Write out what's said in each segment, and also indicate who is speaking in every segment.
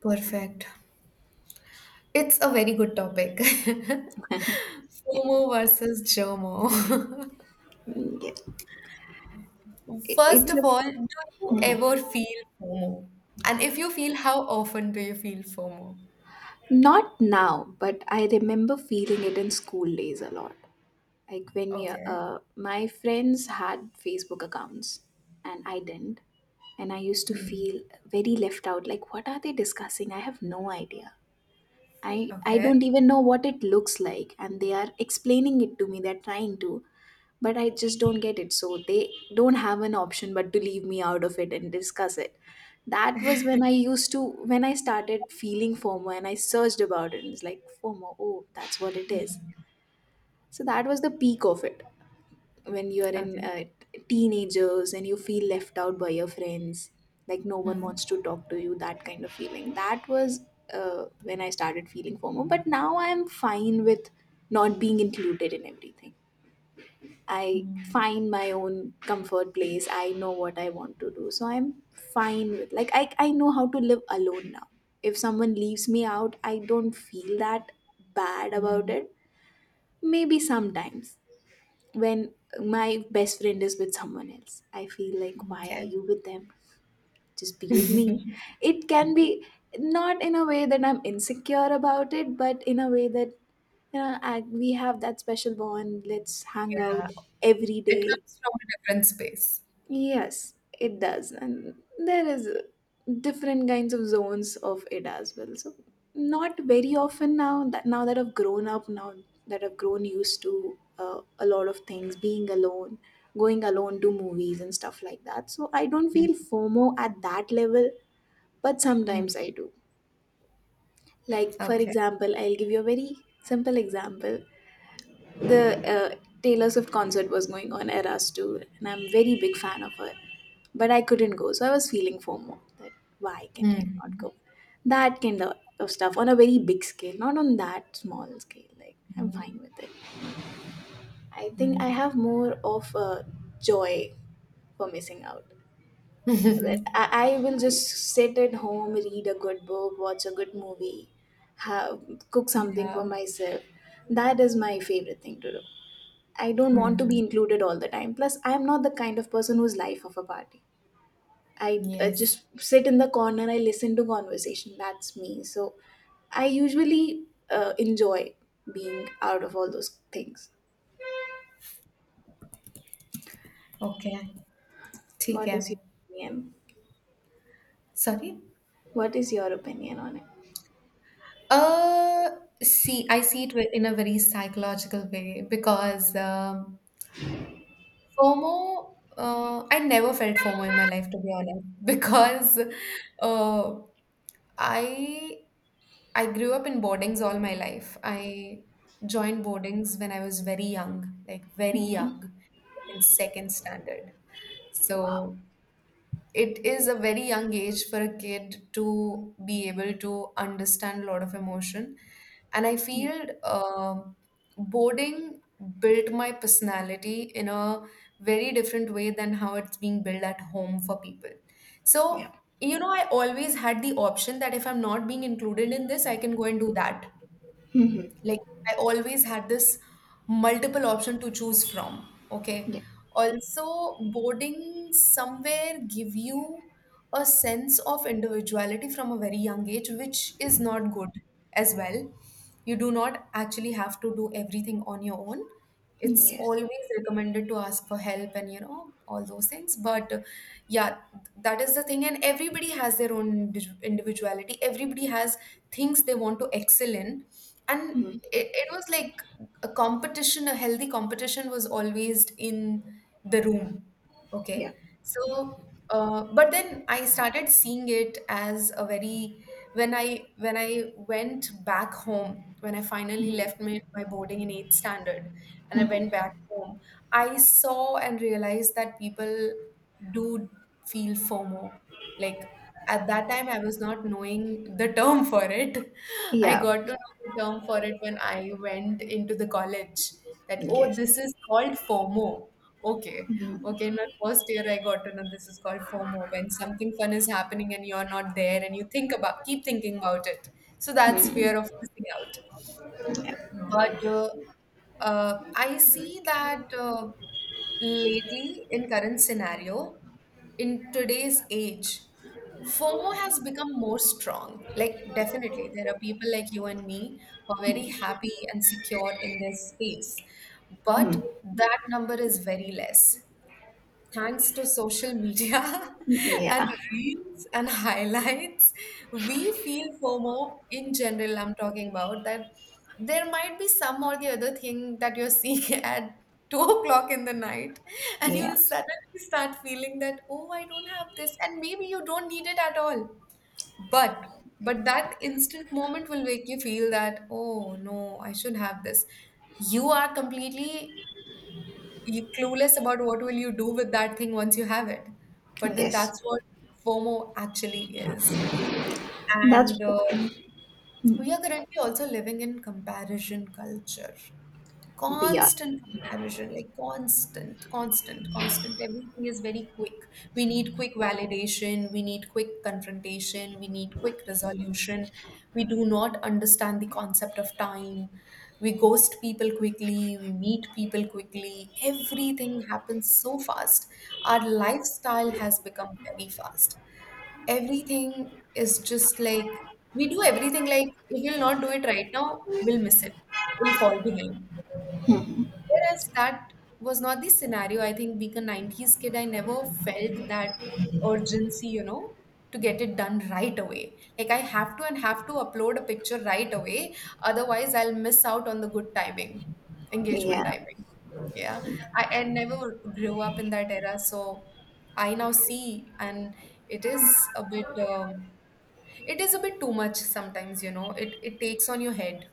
Speaker 1: Perfect. It's a very good topic.
Speaker 2: Yeah.
Speaker 1: FOMO versus JOMO.
Speaker 2: Mm, yeah. I-
Speaker 1: First
Speaker 2: It's
Speaker 1: of
Speaker 2: a,
Speaker 1: all, do you ever feel FOMO? And if you feel, how often do you feel FOMO?
Speaker 2: Not now, but I remember feeling it in school days a lot. Like when you,
Speaker 1: Okay.
Speaker 2: my friends had Facebook accounts and I didn't. And I used to
Speaker 1: Hmm.
Speaker 2: feel very left out. Like, what are they discussing? I have no idea. I
Speaker 1: Okay.
Speaker 2: don't even know what it looks like. And they are explaining it to me. They're trying to. But I just don't get it. So they don't have an option but to leave me out of it and discuss it. That was when when I started feeling FOMO and I searched about it and it's like, FOMO, oh, that's what it is. So that was the peak of it. When you are in
Speaker 1: Okay.
Speaker 2: teenagers and you feel left out by your friends, like no one
Speaker 1: Hmm.
Speaker 2: wants to talk to you, that kind of feeling. That was when I started feeling FOMO. But now I'm fine with not being included in everything. I
Speaker 1: Hmm.
Speaker 2: find my own comfort place. I know what I want to do. So I'm fine with, like, I know how to live alone now. If someone leaves me out, I don't feel that bad about
Speaker 1: Hmm.
Speaker 2: it. Maybe sometimes when my best friend is with someone else, I feel like, why are
Speaker 1: Okay.
Speaker 2: you with them? Just be with me. It can be, not in a way that I'm insecure about it, but in a way that, you know, we have that special bond. Let's hang out every
Speaker 1: It
Speaker 2: day.
Speaker 1: comes from a different space.
Speaker 2: Yes, it does, and there is different kinds of zones of it as well. So not very often now, that now that I've grown up, now that I've grown used to a lot of things, being alone, going alone to movies and stuff like that. So I don't
Speaker 1: Hmm.
Speaker 2: feel FOMO at that level, but
Speaker 1: Hmm.
Speaker 2: sometimes I do. Like, for
Speaker 1: Okay.
Speaker 2: example, I'll give you a very simple example. The Taylor Swift concert was going on, Eras Tour, and I'm very big fan of her but I couldn't go. So I was feeling FOMO that, why can I
Speaker 1: Hmm.
Speaker 2: not go? That kind of stuff on a very big scale, not on that small scale. Like, I'm
Speaker 1: Hmm.
Speaker 2: fine with it. I think I
Speaker 1: Hmm.
Speaker 2: have more of a joy for missing out. That I will just sit at home, read a good book, watch a good movie, have, cook something for
Speaker 1: Yeah.
Speaker 2: myself. That is my favorite thing to do. I don't want to be
Speaker 1: Hmm.
Speaker 2: included all the time. Plus, I am not the kind of person who's life of a party. I
Speaker 1: Yes.
Speaker 2: just sit in the corner, I listen to conversation. That's me. So I usually enjoy being out of all those things.
Speaker 1: Okay. ठीक
Speaker 2: What
Speaker 1: है.
Speaker 2: is your opinion?
Speaker 1: Sorry?
Speaker 2: What is your opinion on it?
Speaker 1: Uh, See, I see it in a very psychological way because FOMO, I never felt FOMO in my life, to be honest,
Speaker 2: Wow.
Speaker 1: because uh, I I grew up in boardings all my life. I joined boardings when I was very young, like in second standard.
Speaker 2: Wow.
Speaker 1: So it is a very young age for a kid to be able to understand a lot of emotion, and I
Speaker 2: Yeah.
Speaker 1: feel um boarding built my personality in a very different way than how it's being built at home for people. So,
Speaker 2: Yeah.
Speaker 1: you know, I always had the option that if I'm not being included in this, I can go and do that.
Speaker 2: Hmm.
Speaker 1: Like, I always had this multiple option to choose from. Okay.
Speaker 2: Yeah.
Speaker 1: Also, boarding somewhere give you a sense of individuality from a very young age, which is not good as well. You do not actually have to do everything on your own.
Speaker 2: Mm,
Speaker 1: It's
Speaker 2: yes.
Speaker 1: always recommended to ask for help, and you know all those things. But yeah, that is the thing. And everybody has their own individuality. Everybody has things they want to excel in, and
Speaker 2: Mm.
Speaker 1: it was like a competition, a healthy competition was always in the room. Okay.
Speaker 2: Yeah.
Speaker 1: So, but then I started seeing it as a very, when I went back home, when I finally
Speaker 2: Mm.
Speaker 1: left my boarding in eighth standard and I went
Speaker 2: Hmm.
Speaker 1: back home, I saw and realized that people do feel FOMO. Like, at that time, I was not knowing the term for it. I
Speaker 2: Yeah.
Speaker 1: got to term for it when I went into the college that, oh,
Speaker 2: Yes.
Speaker 1: this is called FOMO. Okay. Okay. In my first year, I got to know this is called FOMO when something fun is happening and you're not there and you think about, keep thinking about it. So that's
Speaker 2: Mm.
Speaker 1: fear of missing out.
Speaker 2: Yeah.
Speaker 1: But I see that lately, in current scenario, in today's age, FOMO has become more strong. Like, definitely, there are people like you and me who are very happy and secure in their space, but
Speaker 2: Mm.
Speaker 1: that number is very less. Thanks to social media
Speaker 2: Yeah.
Speaker 1: and reels and highlights, we feel FOMO in general. I'm talking about that there might be some or the other thing that you're seeing at 2 o'clock in the night, and you'll
Speaker 2: Yeah.
Speaker 1: suddenly start feeling that, oh, I don't have this, and maybe you don't need it at all. But that instant moment will make you feel that, oh no, I should have this. You are completely you're clueless about what will you do with that thing once you have it. But then
Speaker 2: Yes.
Speaker 1: that's what FOMO actually is.
Speaker 2: That's
Speaker 1: And
Speaker 2: what
Speaker 1: we are currently also living in comparison culture,
Speaker 2: we are.
Speaker 1: constant comparison, like constant, constant, constant, everything is very quick. We need quick validation, we need quick confrontation, we need quick resolution. We do not understand the concept of time. We ghost people quickly, we meet people quickly, everything happens so fast. Our lifestyle has become very fast. Everything is just like, we do everything like, if we'll not do it right now, we'll miss it, we'll fall behind. Whereas that was not the scenario. I think being a 90s kid, I never felt that urgency, to get it done right away. Like, I have to and have to upload a picture right away. Otherwise, I'll miss out on the good timing, engagement
Speaker 2: Yeah.
Speaker 1: timing. Yeah. I never grew up in that era. So I now see, and it is a bit, it is a bit too much sometimes, it takes on your head.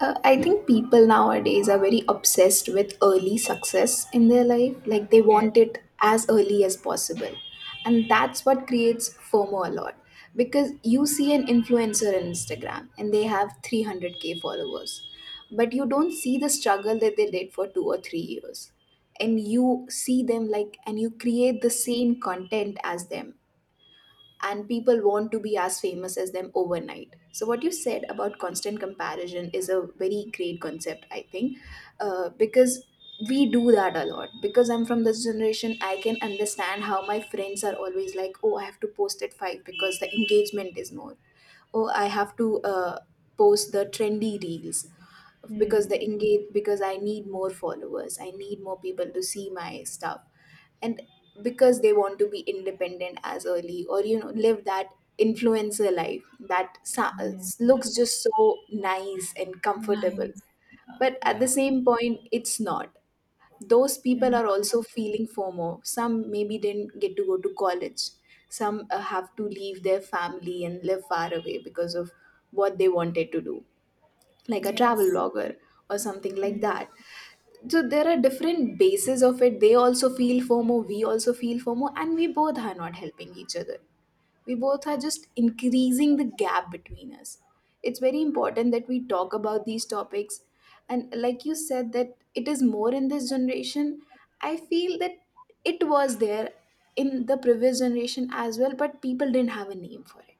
Speaker 2: I think people nowadays are very obsessed with early success in their life. Like, they
Speaker 1: Yes.
Speaker 2: want it as early as possible. And that's what creates FOMO a lot. Because you see an influencer on Instagram and they have 300k followers, but you don't see the struggle that they did for 2 or 3 years. And you see them like, and you create the same content as them and people want to be as famous as them overnight. So, what you said about constant comparison is a very great concept, I think, because we do that a lot. Because I'm from this generation, I can understand how my friends are always like, oh, I have to post at five because the engagement is more. Oh, I have to post the trendy reels because the
Speaker 1: Hmm.
Speaker 2: engage because I need more followers, I need more people to see my stuff. And because they want to be independent as early, or, you know, live that influencer life, that sa-
Speaker 1: Yeah.
Speaker 2: looks just so nice and comfortable,
Speaker 1: Nice.
Speaker 2: but at the
Speaker 1: Yeah.
Speaker 2: same point it's not. Those people
Speaker 1: Mm,
Speaker 2: are also feeling FOMO, some maybe didn't get to go to college, some have to leave their family and live far away because of what they wanted to do, like a travel
Speaker 1: yes.
Speaker 2: blogger or something like
Speaker 1: Mm.
Speaker 2: that. So there are different bases of it. They also feel FOMO, we also feel FOMO, and we both are not helping each other. We both are just increasing the gap between us. It's very important that we talk about these topics. And like you said, that it is more in this generation. I feel that it was there in the previous generation as well, but people didn't have a name for it,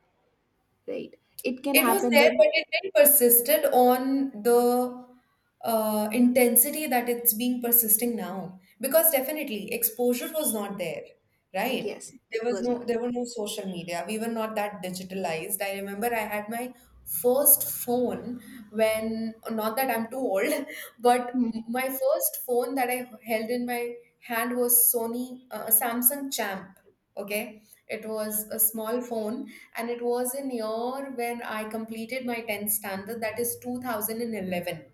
Speaker 2: right? It can
Speaker 1: It was
Speaker 2: happen
Speaker 1: there,
Speaker 2: that,
Speaker 1: but it then persisted on the intensity that it's being persisting now. Because definitely exposure was not there, right?
Speaker 2: yes, it was not.
Speaker 1: There were no social media. We were not that digitalized. I remember I had my first phone when, not that I'm too old, but
Speaker 2: Hmm.
Speaker 1: my first phone that I held in my hand was sony Samsung Champ. Okay, it was a small phone, and it was in year when I completed my 10th standard, that is 2011,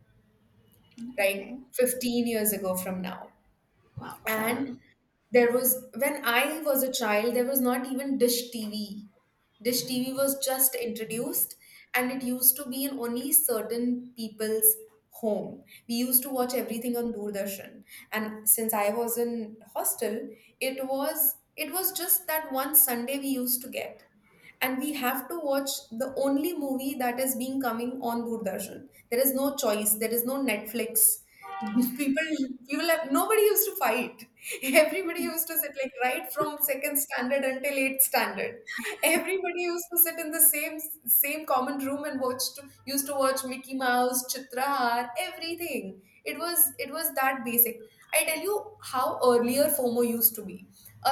Speaker 1: right,
Speaker 2: Okay.
Speaker 1: 15 years ago from now.
Speaker 2: Wow.
Speaker 1: And there was when I was a child, there was not even Dish TV. Dish TV was just introduced, and it used to be in only certain people's home. We used to watch everything on Doordarshan. And since I was in hostel, it was just that one Sunday we used to get, and we have to watch the only movie that is being coming on Doordarshan. There is no choice, there is no Netflix. People, people, have nobody used to fight. Everybody used to sit like right from second standard until eighth standard. Everybody used to sit in the same common room and used to watch Mickey Mouse, Chitrahar, everything. It was that basic. I tell you how earlier FOMO used to be.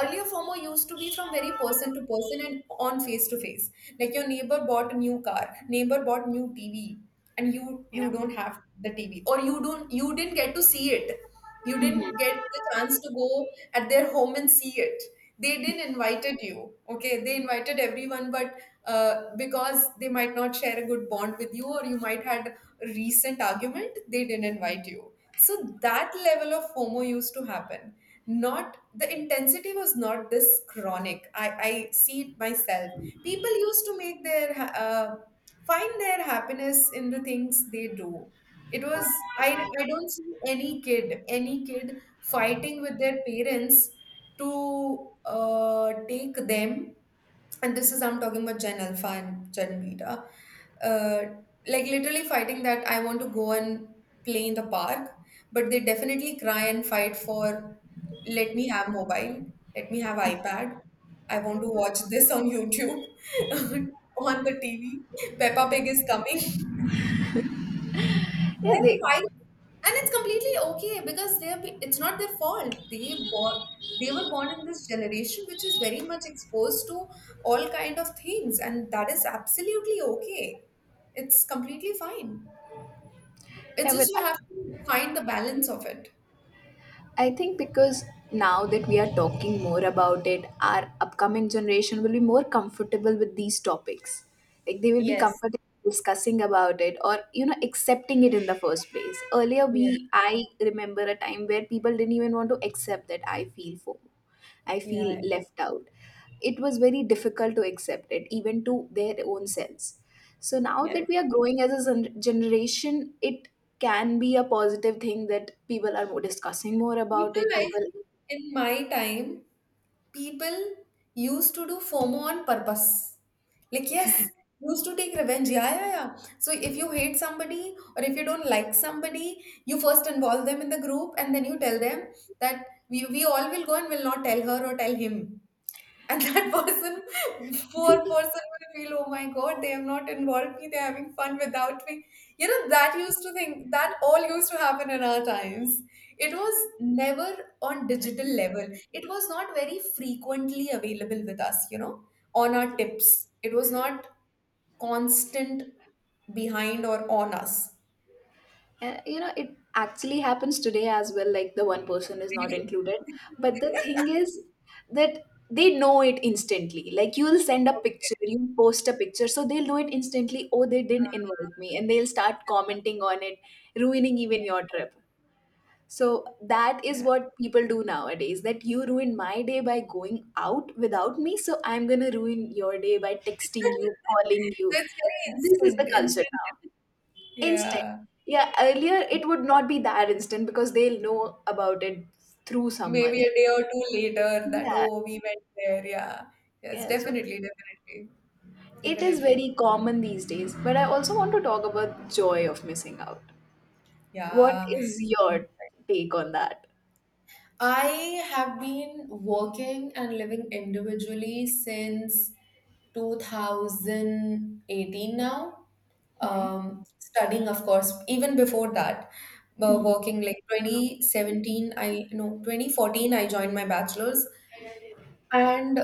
Speaker 1: Earlier FOMO used to be from very person to person and on face to face. Like, your neighbor bought a new car, neighbor bought new TV, and you
Speaker 2: yeah.
Speaker 1: don't have the TV, or you didn't get to see it. You
Speaker 2: Mhm.
Speaker 1: didn't get the chance to go at their home and see it. They didn't invited you. Okay, they invited everyone, but because they might not share a good bond with you or you might had a recent argument, they didn't invite you. So that level of FOMO used to happen. Not the intensity was not this chronic. I see it myself. People used to find their happiness in the things they do. It was I don't see any kid fighting with their parents to take them. And this is I'm talking about Gen Alpha and Gen Beta, uh, like literally fighting that I want to go and play in the park. But they definitely cry and fight for, let me have mobile, let me have iPad, I want to watch this on YouTube, on the TV, Peppa Pig is coming.
Speaker 2: Yeah,
Speaker 1: They're
Speaker 2: they.
Speaker 1: fine, and it's completely okay because it's not their fault. Born they were born in this generation which is very much exposed to all kind of things, and that is absolutely okay. It's completely fine. It's
Speaker 2: Yeah,
Speaker 1: just
Speaker 2: but
Speaker 1: you
Speaker 2: I
Speaker 1: have to find the balance of it.
Speaker 2: I think because now that we are talking more about it, our upcoming generation will be more comfortable with these topics. Like, they will be
Speaker 1: Yes.
Speaker 2: comfortable discussing about it, or, you know, accepting it in the first place. Earlier,
Speaker 1: Yeah.
Speaker 2: we I remember a time where people didn't even want to accept that I feel FOMO, I feel
Speaker 1: Yeah.
Speaker 2: left out. It was very difficult to accept it, even to their own selves. So now
Speaker 1: Yes.
Speaker 2: that we are growing as a generation, it can be a positive thing that people are more discussing more about
Speaker 1: People,
Speaker 2: it.
Speaker 1: I
Speaker 2: People,
Speaker 1: think, in my time, people used to do FOMO on purpose. Like, yes, used to take revenge. Yeah, yeah, yeah. So if you hate somebody or if you don't like somebody, you first involve them in the group and then you tell them that we all will go and will not tell her or tell him. And that, person, poor person, will feel, oh my God, they have not involved me. They're having fun without me. You know, that used to think, that all used to happen in our times. It was never on digital level. It was not very frequently available with us, on our tips. It was not constant behind or on us.
Speaker 2: you know, it actually happens today as well. Like, the one person is not
Speaker 1: Really?
Speaker 2: included, but the thing is that they know it instantly. Like, you'll send a picture, you post a picture, so they'll know it instantly. Oh, they didn't invite me, and they'll start commenting on it, ruining even your trip. So that is
Speaker 1: Yeah.
Speaker 2: what people do nowadays, that you ruin my day by going out without me. So I'm going to ruin your day by texting you, calling
Speaker 1: So
Speaker 2: you.
Speaker 1: it's very
Speaker 2: This is
Speaker 1: instant,
Speaker 2: the culture
Speaker 1: instant.
Speaker 2: now. Instant.
Speaker 1: Yeah.
Speaker 2: Yeah, earlier it would not be that instant because they'll know about it through someone
Speaker 1: Maybe a
Speaker 2: else.
Speaker 1: day or two later that,
Speaker 2: Yeah,
Speaker 1: oh, we went there. Yeah. Yes,
Speaker 2: yeah. So
Speaker 1: definitely, definitely.
Speaker 2: it is
Speaker 1: Definitely.
Speaker 2: very common these days. But I also want to talk about joy of missing out. What
Speaker 1: Yeah.
Speaker 2: is your take on that?
Speaker 1: I have been working and living individually since 2018 now.
Speaker 2: Hmm.
Speaker 1: Studying, of course, even before that,
Speaker 2: Hmm.
Speaker 1: working like 2017, I no, 2014, I joined my bachelor's. And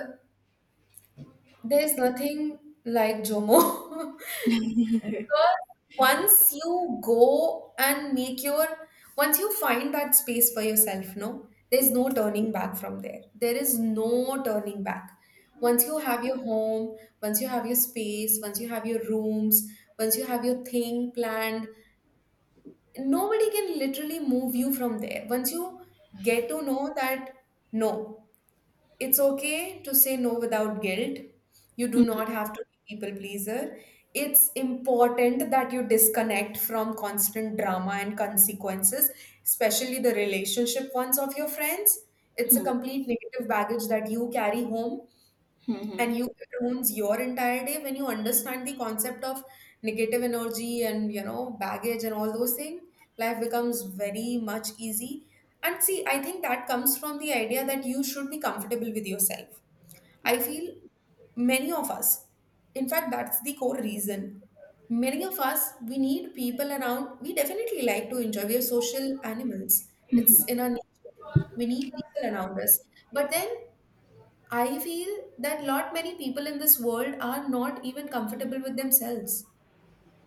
Speaker 1: there's nothing like Jomo because once you go and make your, once you find that space for yourself, no, there's no turning back from there. There is no turning back. Once you have your home, once you have your space, once you have your rooms, once you have your thing planned, nobody can literally move you from there. Once you get to know that, no, it's okay to say no without guilt. You do not have to be people pleaser. It's important that you disconnect from constant drama and consequences, especially the relationship ones of your friends. It's a
Speaker 2: Hmm.
Speaker 1: complete negative baggage that you carry home,
Speaker 2: Hmm. Hmm.
Speaker 1: and you it ruins your entire day when you understand the concept of negative energy and baggage and all those things. Life becomes very much easy. And see, I think that comes from the idea that you should be comfortable with yourself. I feel many of us, in fact, that's the core reason. Many of us, we need people around. We definitely like to enjoy. We are social animals, it's in our nature. We need people around us. But then I feel that lot many people in this world are not even comfortable with themselves.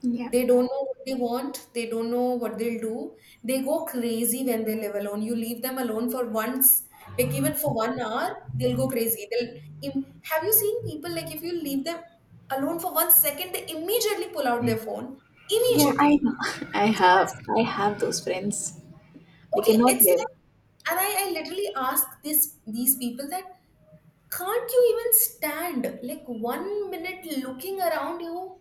Speaker 2: Yeah.
Speaker 1: They don't know what they want. They don't know what they'll do. They go crazy when they live alone. You leave them alone for once, like even for 1 hour, they'll go crazy. Have you seen people like if you leave them alone for 1 second, they immediately pull out their phone.
Speaker 2: Yeah, I
Speaker 1: Immediately.
Speaker 2: know. I have I have those friends. They
Speaker 1: Okay,
Speaker 2: cannot
Speaker 1: it's like,
Speaker 2: live.
Speaker 1: and I literally ask this these people that can't you even stand like 1 minute looking around you?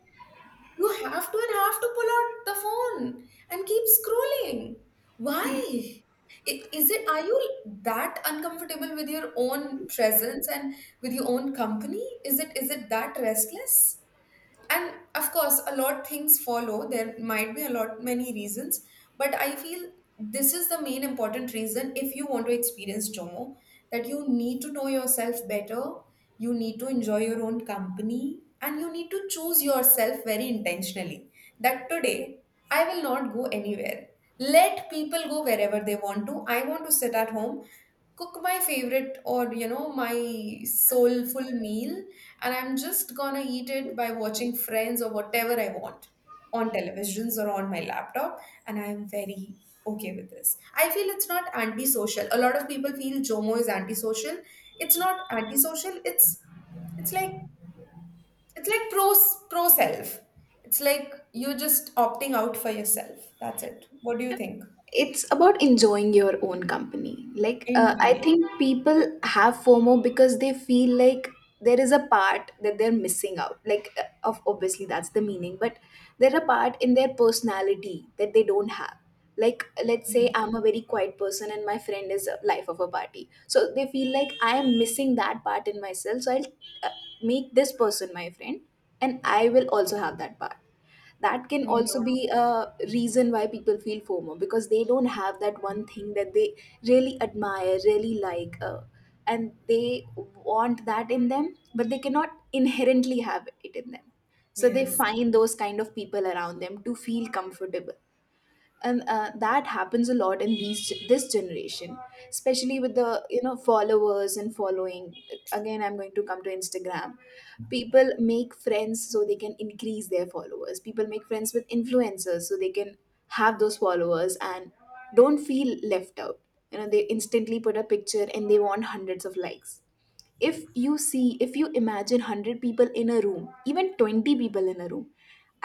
Speaker 1: You have to and have to pull out the phone and keep scrolling. Why? Is it, are you that uncomfortable with your own presence and with your own company? Is it that restless? And of course a lot things follow, there might be a lot many reasons, but I feel this is the main important reason. If you want to experience JOMO, that you need to know yourself better, you need to enjoy your own company, and you need to choose yourself very intentionally, that today I will not go anywhere. Let people go wherever they want to. I want to sit at home, cook my favorite or, you know, my soulful meal, and I'm just gonna eat it by watching Friends or whatever I want on televisions or on my laptop, and I'm very okay with this. I feel it's not antisocial. A lot of people feel Jomo is antisocial. It's not antisocial, it's like, it's like pro self. It's like you're just opting out for yourself. That's it. What do you think?
Speaker 2: It's about enjoying your own company. Like, I
Speaker 1: Indeed.
Speaker 2: think people have FOMO because they feel like there is a part that they're missing out. Like, of obviously that's the meaning, but there's a part in their personality that they don't have. Like, let's say
Speaker 1: Mm.
Speaker 2: I'm a very quiet person and my friend is a life of a party, so they feel like I am missing that part in myself, so I'll uh, make this person my friend and I will also have that part. That can
Speaker 1: Yeah.
Speaker 2: also be a reason why people feel FOMO, because they don't have that one thing that they really admire, really like, and they want that in them, but they cannot inherently have it in them. So they
Speaker 1: Yes.
Speaker 2: find those kind of people around them to feel comfortable and that happens a lot in these this generation, especially with the, you know, followers and following. Again, I'm going to come to Instagram. People make friends so they can increase their followers, people make friends with influencers so they can have those followers and don't feel left out. You know, they instantly put a picture and they want hundreds of likes. If you see, if you imagine 100 people in a room, even 20 people in a room,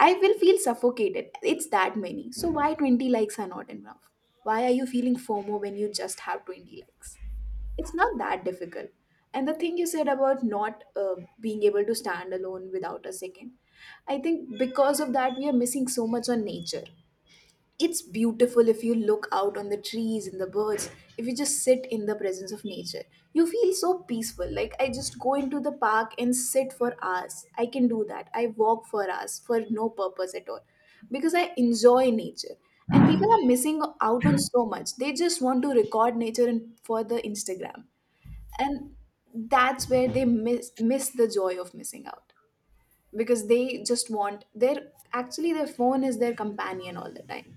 Speaker 2: I will feel suffocated. It's that many, so why 20 likes are not enough? Why are you feeling FOMO when you just have 20 likes? It's not that difficult. And the thing you said about not being able to stand alone without a second, I think because of that we are missing so much on nature. It's beautiful if you look out on the trees and the birds, if you just sit in the presence of nature. You feel so peaceful. Like, I just go into the park and sit for hours. I can do that. I walk for hours for no purpose at all because I enjoy nature. And people are missing out on so much. They just want to record nature and for the Instagram. And that's where they miss the joy of missing out, because they just want their, actually their phone is their companion all the time.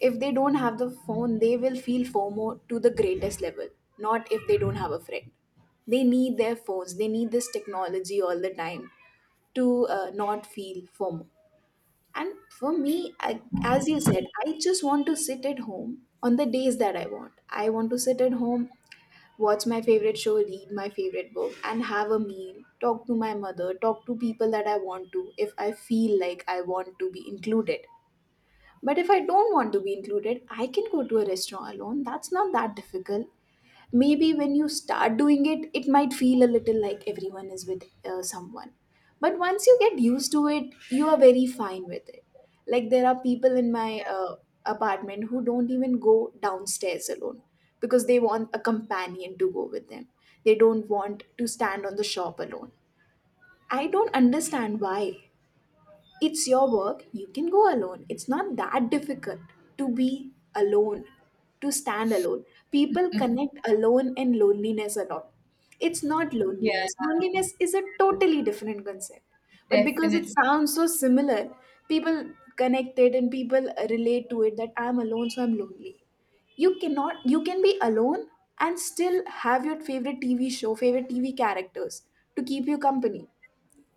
Speaker 2: If they don't have the phone, they will feel FOMO to the greatest level, not if they don't have a friend. They need their phones, they need this technology all the time to not feel FOMO. And for me, I, as you said, I just want to sit at home on the days that I want. I want to sit at home, watch my favorite show, read my favorite book, and have a meal, talk to my mother, talk to people that I want to if I feel like I want to be included. But if I don't want to be included, I can go to a restaurant alone. That's not that difficult. Maybe when you start doing it, it might feel a little like everyone is with someone. But once you get used to it, you are very fine with it. Like there are people in my apartment who don't even go downstairs alone because they want a companion to go with them. They don't want to stand on the shop alone. I don't understand why. It's your work, you can go alone. It's not that difficult to be alone, to stand alone. People connect alone and loneliness a lot. It's not
Speaker 1: Yeah,
Speaker 2: loneliness. Loneliness is a totally different concept. But because it
Speaker 1: definitely.
Speaker 2: sounds so similar, people connect it and people relate to it that I'm alone, so I'm lonely. You cannot You can be alone and still have your favorite TV show, favorite TV characters to keep you company.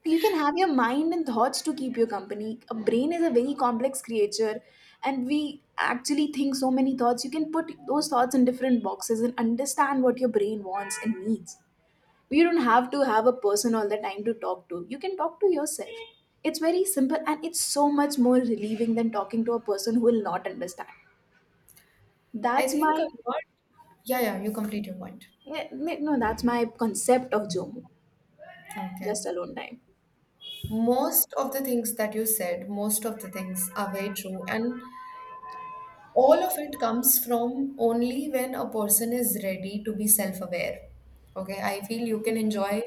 Speaker 2: You can have your mind and thoughts to keep you company. A brain is a very complex creature, and we actually think so many thoughts. You can put those thoughts in different boxes and understand what your brain wants and needs. You don't have to have a person all the time to talk to. You can talk to yourself. It's very simple and it's so much more relieving than talking to a person who will not understand.
Speaker 1: I
Speaker 2: That's
Speaker 1: think
Speaker 2: my
Speaker 1: a lot. Yeah, yeah, you complete your point.
Speaker 2: Yeah, yeah, no, that's my concept of Jomo.
Speaker 1: Okay.
Speaker 2: Just alone time.
Speaker 1: Most of the things that you said, most of the things are very true. And all of it comes from only when a person is ready to be self aware. Okay, I feel you can enjoy,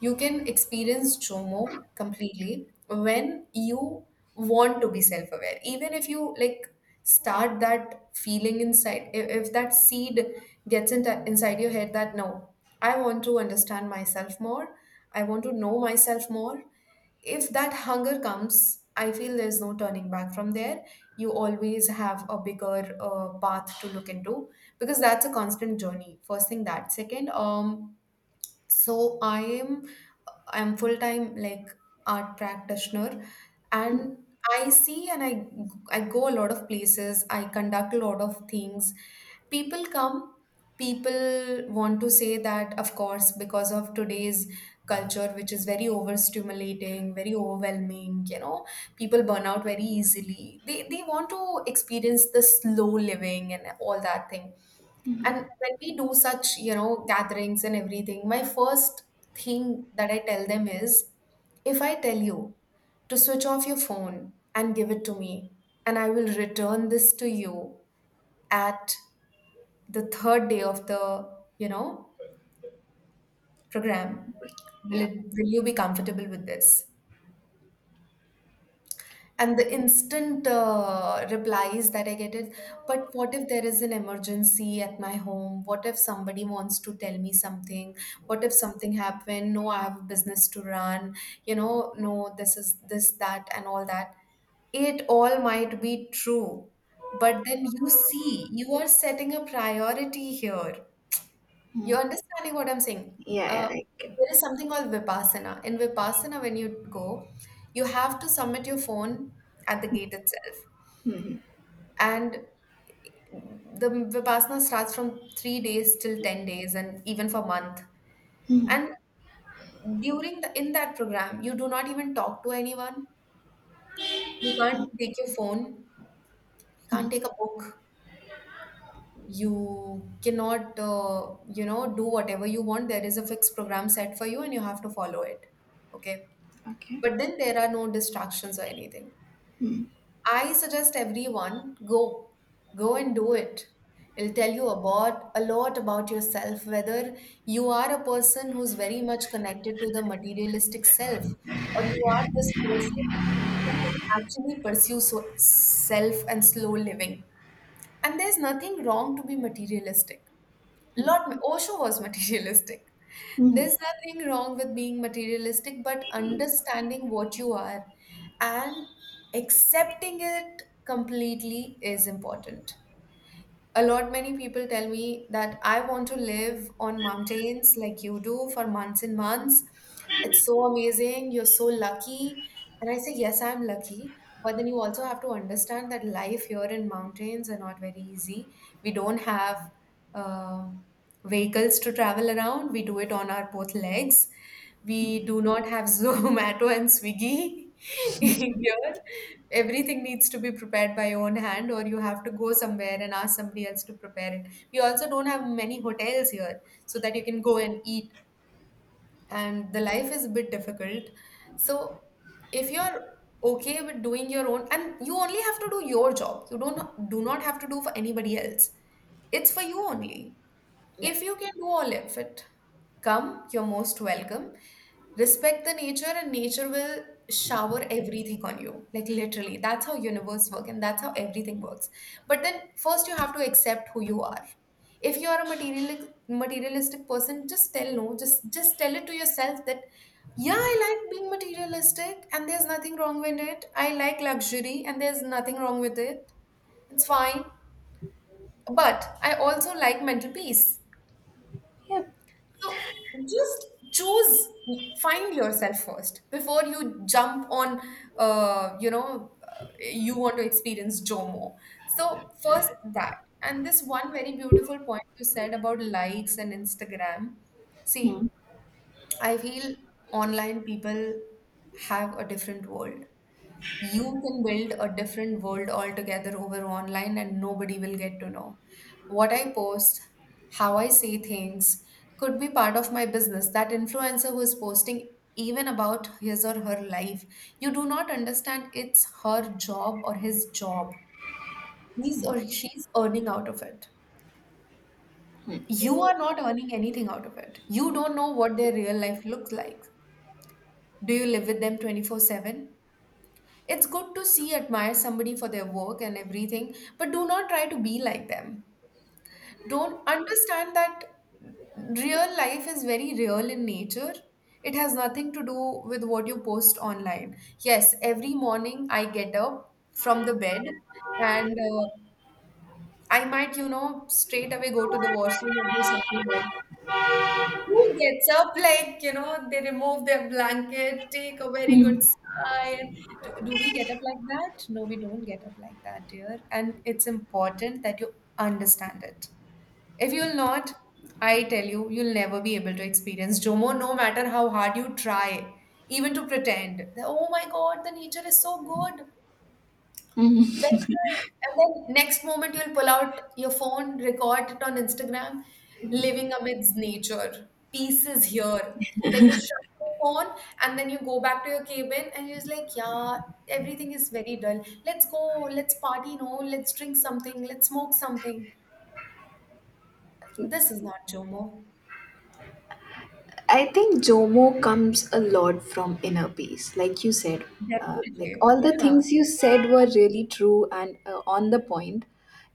Speaker 1: you can experience JOMO completely when you want to be self aware. Even if you like start that feeling inside, if that seed gets into, inside your head that no, I want to understand myself more, I want to know myself more, if that hunger comes, I feel there's no turning back from there. You always have a bigger path to look into because that's a constant journey. First thing that. Second, so I am, I'm full time like art practitioner, and I see, and I go a lot of places, I conduct a lot of things. People come, people want to say that, of course, because of today's culture which is very overstimulating, very overwhelming, you know, people burn out very easily. They want to experience the slow living and all that thing. And when we do such, you know, gatherings and everything, my first thing that I tell them is, if I tell you to switch off your phone and give it to me, and I will return this to you at the third day of the, you know, program,
Speaker 2: Yeah.
Speaker 1: will you be comfortable with this? And the instant replies that I get is, but what if there is an emergency at my home? What if somebody wants to tell me something? What if something happened? No, I have a business to run. You know, no, this is this, that, and all that. It all might be true. But then you see, you are setting a priority here. You're
Speaker 2: Mm.
Speaker 1: understanding what I'm saying?
Speaker 2: Yeah, yeah,
Speaker 1: Uh,
Speaker 2: I can.
Speaker 1: there is something called Vipassana. In Vipassana, when you go, you have to submit your phone at the gate itself. And the Vipassana starts from 3 days till 10 days and even for month. And during the, in that program, you do not even talk to anyone. You can't take your phone. You can't take a book. You cannot, you know, do whatever you want. There is a fixed program set for you and you have to follow it. Okay.
Speaker 2: Okay.
Speaker 1: But then there are no distractions or anything. I suggest everyone go, go and do it. It'll tell you about a lot about yourself, whether you are a person who's very much connected to the materialistic self, or you are this person who can actually pursue so, self and slow living. And there's nothing wrong to be materialistic. Lot Osho was materialistic.
Speaker 2: Hmm.
Speaker 1: There's nothing wrong with being materialistic, but understanding what you are and accepting it completely is important. A lot many people tell me that I want to live on mountains like you do for months and months. It's so amazing. You're so lucky. And I say, yes, I'm lucky. But then you also have to understand that life here in mountains are not very easy. We don't have um vehicles to travel around. We do it on our both legs. We do not have Zomato and Swiggy. Here, everything needs to be prepared by your own hand, or you have to go somewhere and ask somebody else to prepare it. We also don't have many hotels here so that you can go and eat, and the life is a bit difficult. So, if you're okay with doing your own, and you only have to do your job, you don't do not have to do for anybody else. It's for you only.
Speaker 2: Yeah.
Speaker 1: If you can do all of it, come, you're most welcome. Respect the nature and nature will shower everything on you. Like literally, that's how universe work and that's how everything works. But then first you have to accept who you are. If you are a materialistic person, just tell no, just tell it to yourself that yeah, I like being materialistic and there's nothing wrong with it. I like luxury and there's nothing wrong with it. It's fine. But I also like mental peace.
Speaker 2: Yep.
Speaker 1: So just choose, find yourself first before you jump on, you know, you want to experience JOMO. So, first that. And this one very beautiful point you said about likes and Instagram. See,
Speaker 2: Hmm.
Speaker 1: I feel online people have a different world. You can build a different world altogether over online and nobody will get to know. What I post, how I say things could be part of my business. That influencer who is posting even about his or her life, you do not understand it's her job or his job. He's or she's earning out of it. You are not earning anything out of it. You don't know what their real life looks like. Do you live with them 24/7? It's good to see, admire somebody for their work and everything, but do not try to be like them. Don't understand that real life is very real in nature. It has nothing to do with what you post online. Yes, every morning I get up from the bed, and I might, you know, straight away go to the washroom or do something else. Who gets up like, you know, they remove their blanket, take a very
Speaker 2: Hmm.
Speaker 1: good sigh. Do we get up like that? No, we don't get up like that, dear. And it's important that you understand it. If you'll not, I tell you, you'll never be able to experience Jomo, no matter how hard you try, even to pretend. That, oh my God, the nature is so good. Very nice. And then next moment you'll pull out your phone, record it on Instagram, living amidst nature. Peace is here. Then you shut your phone and then you go back to your cabin and you're just like, yeah, everything is very dull. Let's go, let's party, no, let's drink something, let's smoke something. This is not Jomo.
Speaker 2: I think Jomo comes a lot from inner peace, like you said. Like
Speaker 1: Definitely.
Speaker 2: all the
Speaker 1: Yeah.
Speaker 2: things you said were really true and on the point.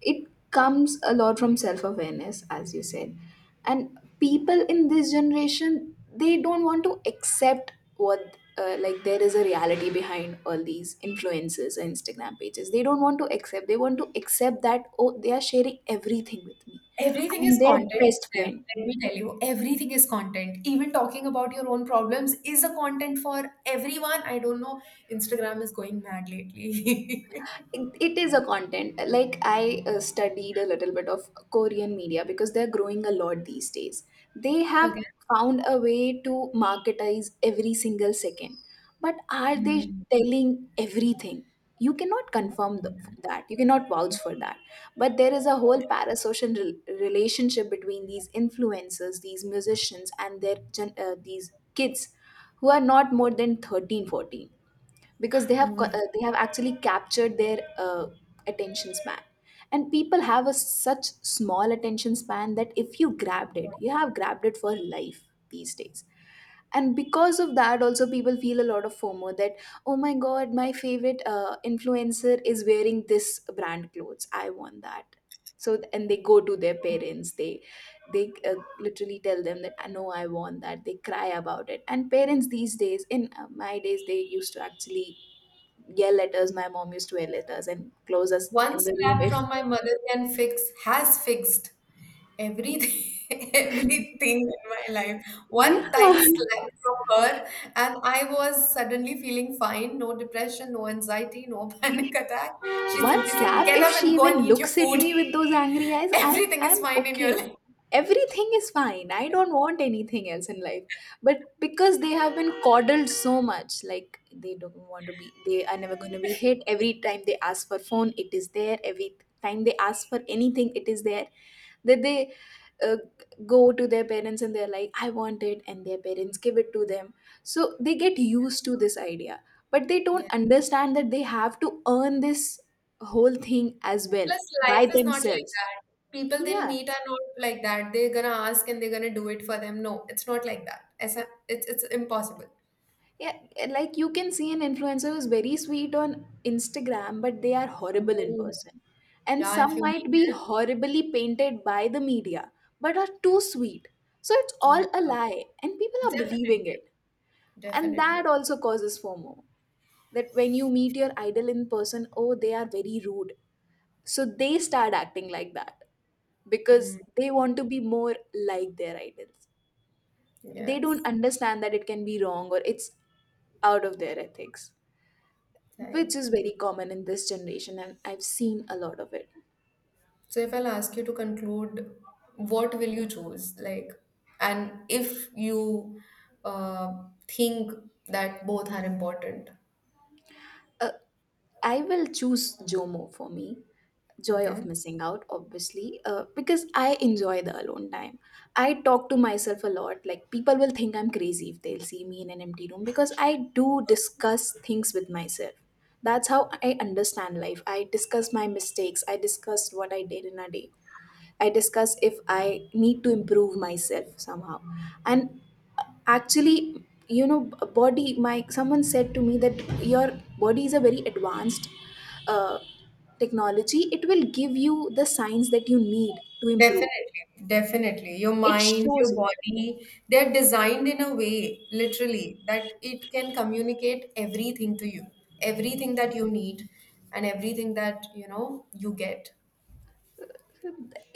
Speaker 2: It comes a lot from self awareness, as you said. And people in this generation, they don't want to accept what, like, there is a reality behind all these influences and Instagram pages. They don't want to accept. They want to accept that, oh, they are sharing everything with me.
Speaker 1: Everything is
Speaker 2: I'm their
Speaker 1: content
Speaker 2: best
Speaker 1: for them.
Speaker 2: friend.
Speaker 1: Let me tell you, everything is content. Even talking about your own problems is a content for everyone. I don't know. Instagram is going mad lately.
Speaker 2: It is a content. Like, I studied a little bit of Korean media because they're growing a lot these days. They have
Speaker 1: Okay.
Speaker 2: found a way to marketize every single second. But are they
Speaker 1: Hmm.
Speaker 2: telling everything? You cannot
Speaker 1: Hmm.
Speaker 2: confirm that, you cannot vouch for that. But there is a whole parasocial relationship between these influencers, these musicians, and their these kids who are not more than 13, 14, because they have they have actually captured their attention span. And people have a such small attention span that if you grabbed it, you have grabbed it for life these days. And because of that also, people feel a lot of FOMO, that oh my god, my favorite influencer is wearing this brand clothes, I want that. So, and they go to their parents, they they uh, literally tell them that I know I want that. They cry about it. And parents these days, in my days they used to actually yell at us. My mom used to yell at us and close us
Speaker 1: One
Speaker 2: in the room
Speaker 1: slap
Speaker 2: if.
Speaker 1: from my mother can fix, has fixed everything, everything in my life.
Speaker 2: yeah.
Speaker 1: One tight slap from her, and I was suddenly feeling fine. No depression, no anxiety, no panic attack. She
Speaker 2: One
Speaker 1: simply said,
Speaker 2: slap,
Speaker 1: get
Speaker 2: if
Speaker 1: up
Speaker 2: she
Speaker 1: and go
Speaker 2: even
Speaker 1: and eat your
Speaker 2: looks at
Speaker 1: food.
Speaker 2: me with those angry eyes, I'm
Speaker 1: Everything is
Speaker 2: I'm
Speaker 1: fine in your
Speaker 2: okay.
Speaker 1: life.
Speaker 2: Everything is fine. I don't want anything else in life. But because they have been coddled so much, like they don't want to be, they are never going to be hit. Every time they ask for phone, it is there. Every time they ask for anything, it is there. That they uh, go to their parents and they're like I want it, and their parents give it to them. So they get used to this idea, but they
Speaker 1: Yeah.
Speaker 2: don't understand that they have to earn this whole thing as well
Speaker 1: Plus,
Speaker 2: by
Speaker 1: life is not like
Speaker 2: themselves.
Speaker 1: that. People they'll
Speaker 2: Yeah,
Speaker 1: meet are not like that. They're gonna ask and they're gonna do it for them. No, it's not like that. It's a, it's, it's impossible.
Speaker 2: yeah, like you can see an influencer who's very sweet on Instagram but they are horrible in
Speaker 1: Oh.
Speaker 2: person. And
Speaker 1: Yeah, if
Speaker 2: some
Speaker 1: you
Speaker 2: might
Speaker 1: meet
Speaker 2: be horribly painted by the media but are too sweet. So it's
Speaker 1: them, yeah,
Speaker 2: all a lie and people are
Speaker 1: definitely,
Speaker 2: believing it. And that
Speaker 1: definitely.
Speaker 2: also causes FOMO, that when you meet your idol in person, oh they are very rude, so they start acting like that because
Speaker 1: Mm,
Speaker 2: they want to be more like their idols. They
Speaker 1: yes.
Speaker 2: don't understand that it can be wrong or it's out of their ethics,
Speaker 1: Right.
Speaker 2: which is very common in this generation, and I've seen a lot of it.
Speaker 1: So if I'll ask you to conclude, what will you choose? Like, and if you uh, think that both are important,
Speaker 2: Uh, I will choose JOMO for me, joy of
Speaker 1: okay?
Speaker 2: missing out, obviously, because I enjoy the alone time. I talk to myself a lot. Like, people will think I'm crazy if they'll see me in an empty room because I do discuss things with myself. That's how I understand life. I discuss my mistakes, I discuss what I did in a day. I discuss if I need to improve myself somehow. And actually, you know, b- body, my someone said to me that your body is a very advanced uh, technology. It will give you the signs that you need to improve.
Speaker 1: Definitely, definitely. Your
Speaker 2: It
Speaker 1: mind, your
Speaker 2: shows.
Speaker 1: body, they're designed in a way, literally, that it can communicate everything to you, everything that you need, and everything that, you know, you get.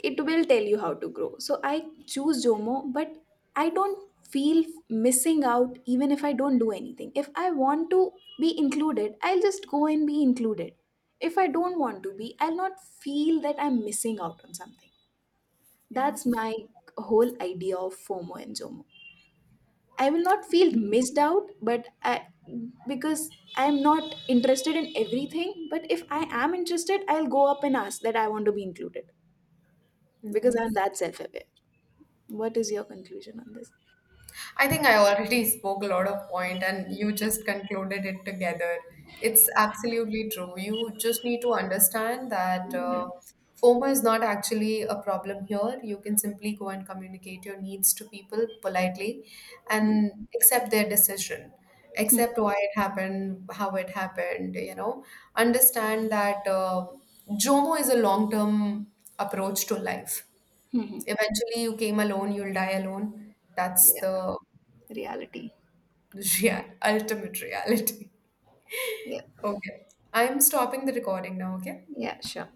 Speaker 2: It will tell you how to grow. So I choose Jomo, but I don't feel missing out even if I don't do anything. If I want to be included, I'll just go and be included. If I don't want to be, I'll not feel that I'm missing out on something.
Speaker 1: Yeah,
Speaker 2: That's my whole idea of FOMO and JOMO. I will not feel missed out, but I, because I'm not interested in everything. But if I am interested, I'll go up and ask that I want to be included because I'm
Speaker 1: nice.
Speaker 2: that self aware. What is your conclusion on this?
Speaker 1: I think I already spoke a lot of point and you just concluded it together. It's absolutely true. You just need to understand that FOMO is not actually a problem here. You can simply go and communicate your needs to people politely
Speaker 2: Hmm.
Speaker 1: and accept their decision.
Speaker 2: Hmm.
Speaker 1: Accept why it happened, how it happened, you know. Understand that Jomo is a long-term approach to life. Eventually you came alone, you'll die alone, that's
Speaker 2: Yeah,
Speaker 1: the
Speaker 2: reality.
Speaker 1: real, ultimate reality.
Speaker 2: Yeah,
Speaker 1: Okay. I'm stopping the recording now, okay?
Speaker 2: yeah, sure.